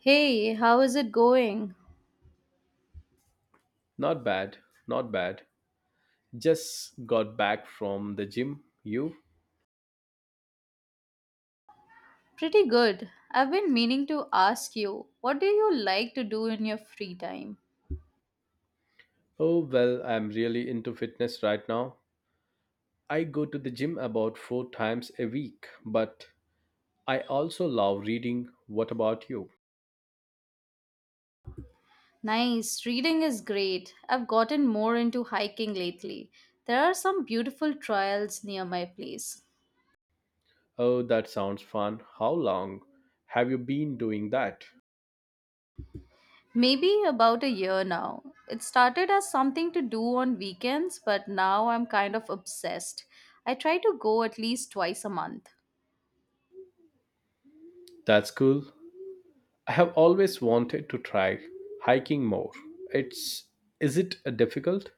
Hey, how is it going? Not bad, not bad. Just got back from the gym. You? Pretty good. I've been meaning to ask you, what do you like to do in your free time? Oh, well, I'm really into fitness right now. I go to the gym about four times a week, but I also love reading. What about you? Nice, reading is great. I've gotten more into hiking lately. There are some beautiful trails near my place. Oh, that sounds fun. How long have you been doing that? Maybe about a year now. It started as something to do on weekends, but now I'm kind of obsessed. I try to go at least twice a month. That's cool. I have always wanted to try hiking more. It's is it difficult?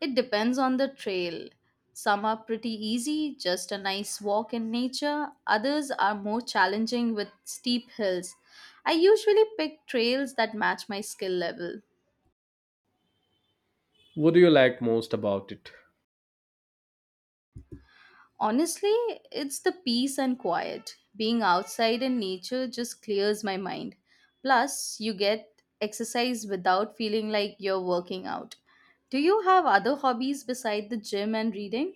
It depends on the trail. Some are pretty easy, just a nice walk in nature. Others are more challenging with steep hills. I usually pick trails that match my skill level. What do you like most about it? Honestly, it's the peace and quiet. Being outside in nature just clears my mind. Plus, you get exercise without feeling like you're working out. Do you have other hobbies beside the gym and reading?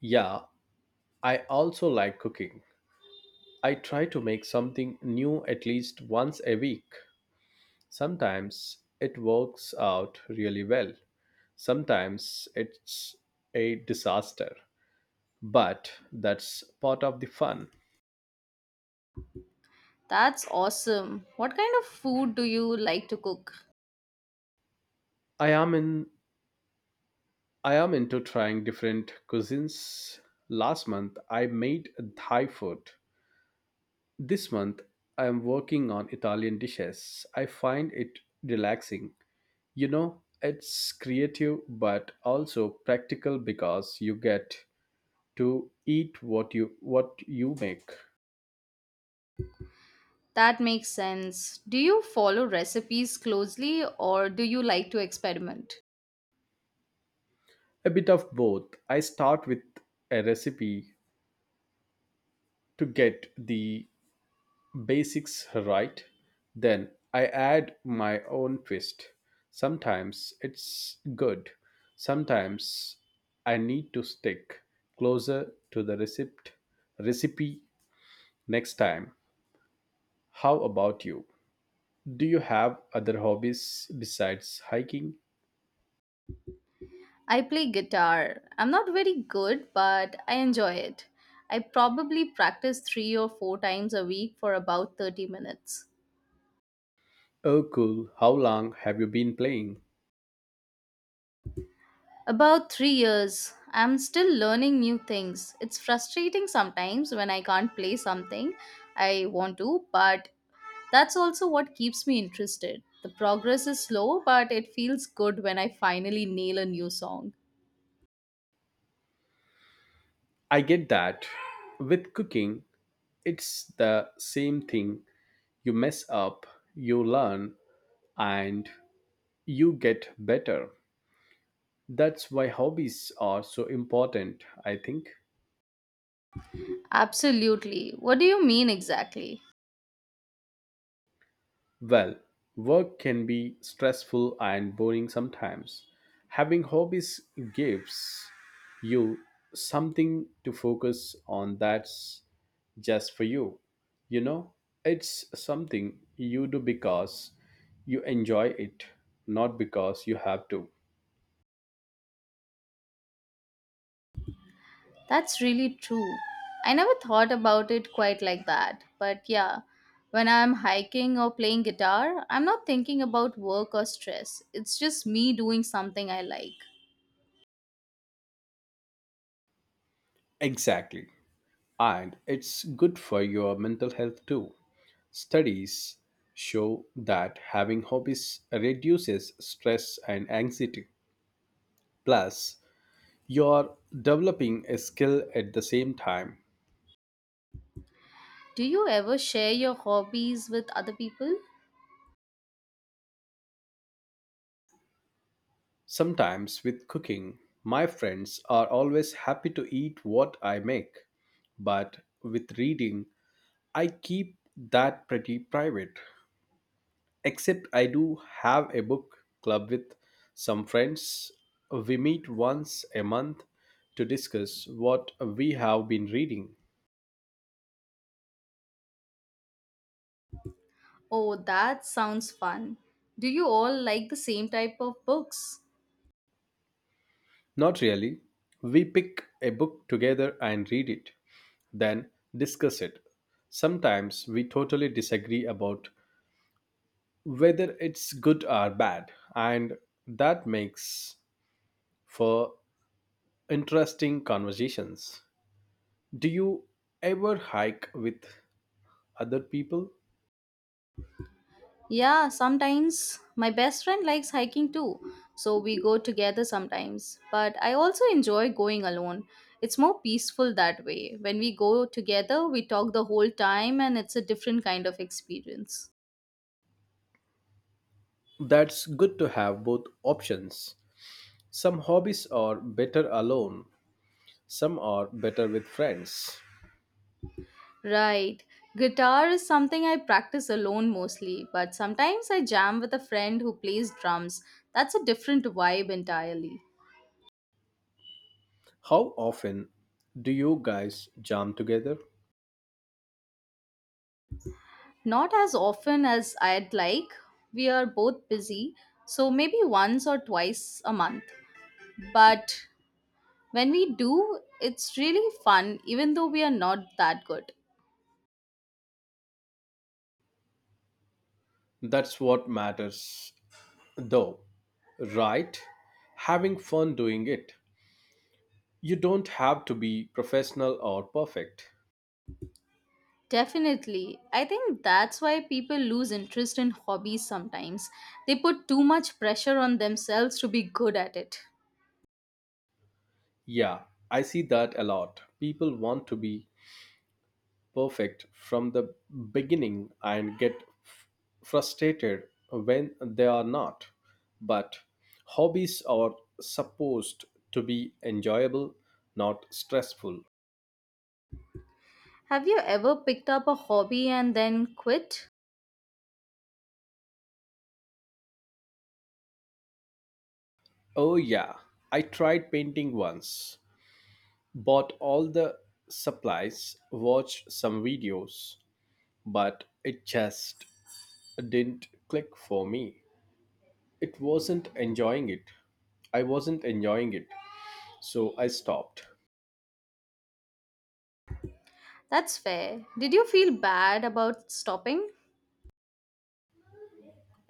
Yeah, I also like cooking. I try to make something new at least once a week. Sometimes it works out really well. Sometimes it's a disaster. But that's part of the fun. That's awesome. What kind of food do you like to cook? I am in I am into trying different cuisines. Last month I made Thai food. This month I am working on Italian dishes. I find it relaxing. It's creative but also practical because you get to eat what you make. That makes sense. Do you follow recipes closely or do you like to experiment? A bit of both. I start with a recipe to get the basics right, then I add my own twist. Sometimes it's good, sometimes I need to stick closer to the receipt recipe next time. How about you? Do you have other hobbies besides hiking? I play guitar. I'm not very good, but I enjoy it. I probably practice 3 or 4 times a week for about 30 minutes. Oh cool, how long have you been playing? About 3 years. I'm still learning new things. It's frustrating sometimes when I can't play something I want to, but that's also what keeps me interested. The progress is slow, but it feels good when I finally nail a new song. I get that. With cooking, it's the same thing. You mess up, you learn, and you get better. That's why hobbies are so important, I think. Absolutely. What do you mean exactly? Well, work can be stressful and boring sometimes. Having hobbies gives you something to focus on that's just for you. You know, it's something you do because you enjoy it, not because you have to. That's really true. I never thought about it quite like that. But yeah, when I'm hiking or playing guitar, I'm not thinking about work or stress. It's just me doing something I like. Exactly. And it's good for your mental health too. Studies show that having hobbies reduces stress and anxiety. Plus, you're developing a skill at the same time. Do you ever share your hobbies with other people? Sometimes with cooking, my friends are always happy to eat what I make, but with reading, I keep that pretty private, except I do have a book club with some friends. We meet once a month to discuss what we have been reading. Oh, that sounds fun. Do you all like the same type of books? Not really. We pick a book together and read it, then discuss it. Sometimes we totally disagree about whether it's good or bad, and that makes for interesting conversations. Do you ever hike with other people? Yeah, sometimes my best friend likes hiking too, so we go together sometimes. But I also enjoy going alone. It's more peaceful that way. When we go together, we talk the whole time and it's a different kind of experience. That's good to have both options. Some hobbies are better alone, some are better with friends. Right. Guitar is something I practice alone mostly, but sometimes I jam with a friend who plays drums. That's a different vibe entirely. How often do you guys jam together? Not as often as I'd like. We are both busy, so maybe once or twice a month. But when we do, it's really fun, even though we are not that good. That's what matters, though, right? Having fun doing it. You don't have to be professional or perfect. Definitely. I think that's why people lose interest in hobbies sometimes. They put too much pressure on themselves to be good at it. Yeah, I see that a lot. People want to be perfect from the beginning and get f- frustrated when they are not. But hobbies are supposed to be enjoyable, not stressful. Have you ever picked up a hobby and then quit? Oh, yeah, I tried painting once, bought all the supplies, watched some videos, but it just didn't click for me. It wasn't enjoying it. I wasn't enjoying it, so I stopped. That's fair. Did you feel bad about stopping?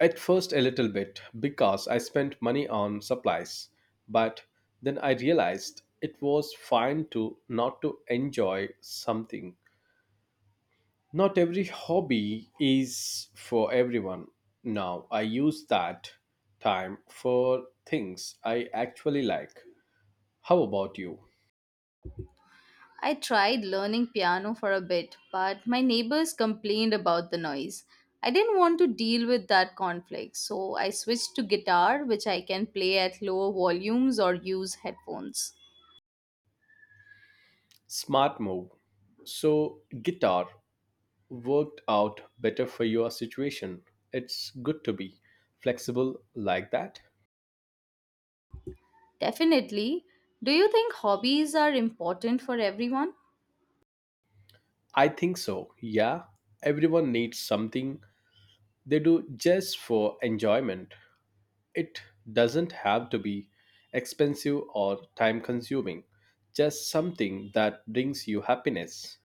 At first, a little bit because I spent money on supplies, but then I realized it was fine to not to enjoy something. Not every hobby is for everyone. Now I use that time for things I actually like. How about you? I tried learning piano for a bit, but my neighbors complained about the noise. I didn't want to deal with that conflict, so I switched to guitar, which I can play at lower volumes or use headphones. Smart move. So, guitar worked out better for your situation. It's good to be flexible like that. Definitely. Do you think hobbies are important for everyone? I think so. Yeah, everyone needs something they do just for enjoyment. It doesn't have to be expensive or time consuming, just something that brings you happiness.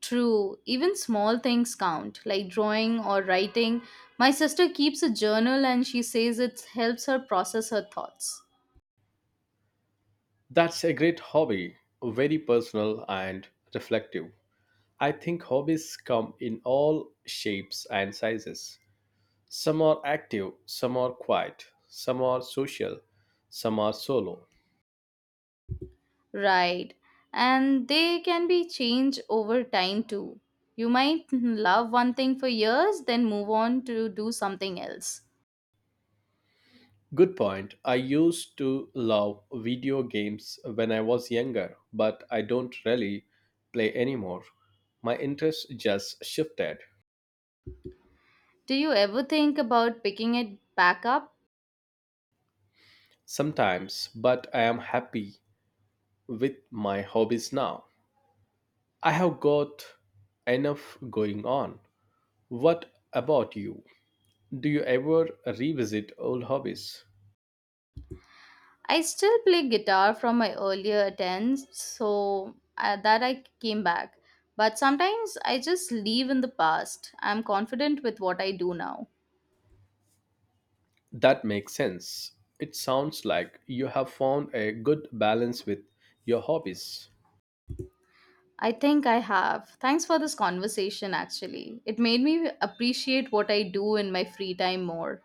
True, even small things count, like drawing or writing. My sister keeps a journal and she says it helps her process her thoughts. That's a great hobby, very personal and reflective. I think hobbies come in all shapes and sizes. Some are active, some are quiet, some are social, some are solo. Right. And they can be changed over time too. You might love one thing for years, then move on to do something else. Good point. I used to love video games when I was younger, but I don't really play anymore. My interest just shifted Do you ever think about picking it back up? sometimes, but I am happy with my hobbies now. I have got enough going on. What about you? Do you ever revisit old hobbies? I still play guitar from my earlier attempts, so that I came back. But sometimes I just leave in the past. I'm confident with what I do now. That makes sense. It sounds like you have found a good balance with your hobbies. I think I have. Thanks for this conversation, actually. It made me appreciate what I do in my free time more.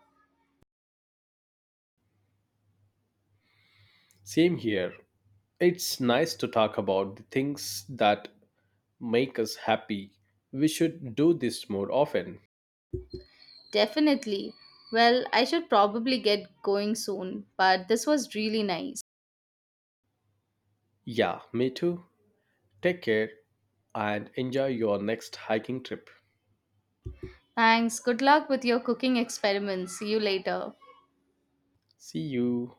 Same here. It's nice to talk about the things that make us happy. We should do this more often. Definitely. Well, I should probably get going soon, but this was really nice. Yeah, me too. Take care and enjoy your next hiking trip. Thanks. Good luck with your cooking experiments. See you later. See you.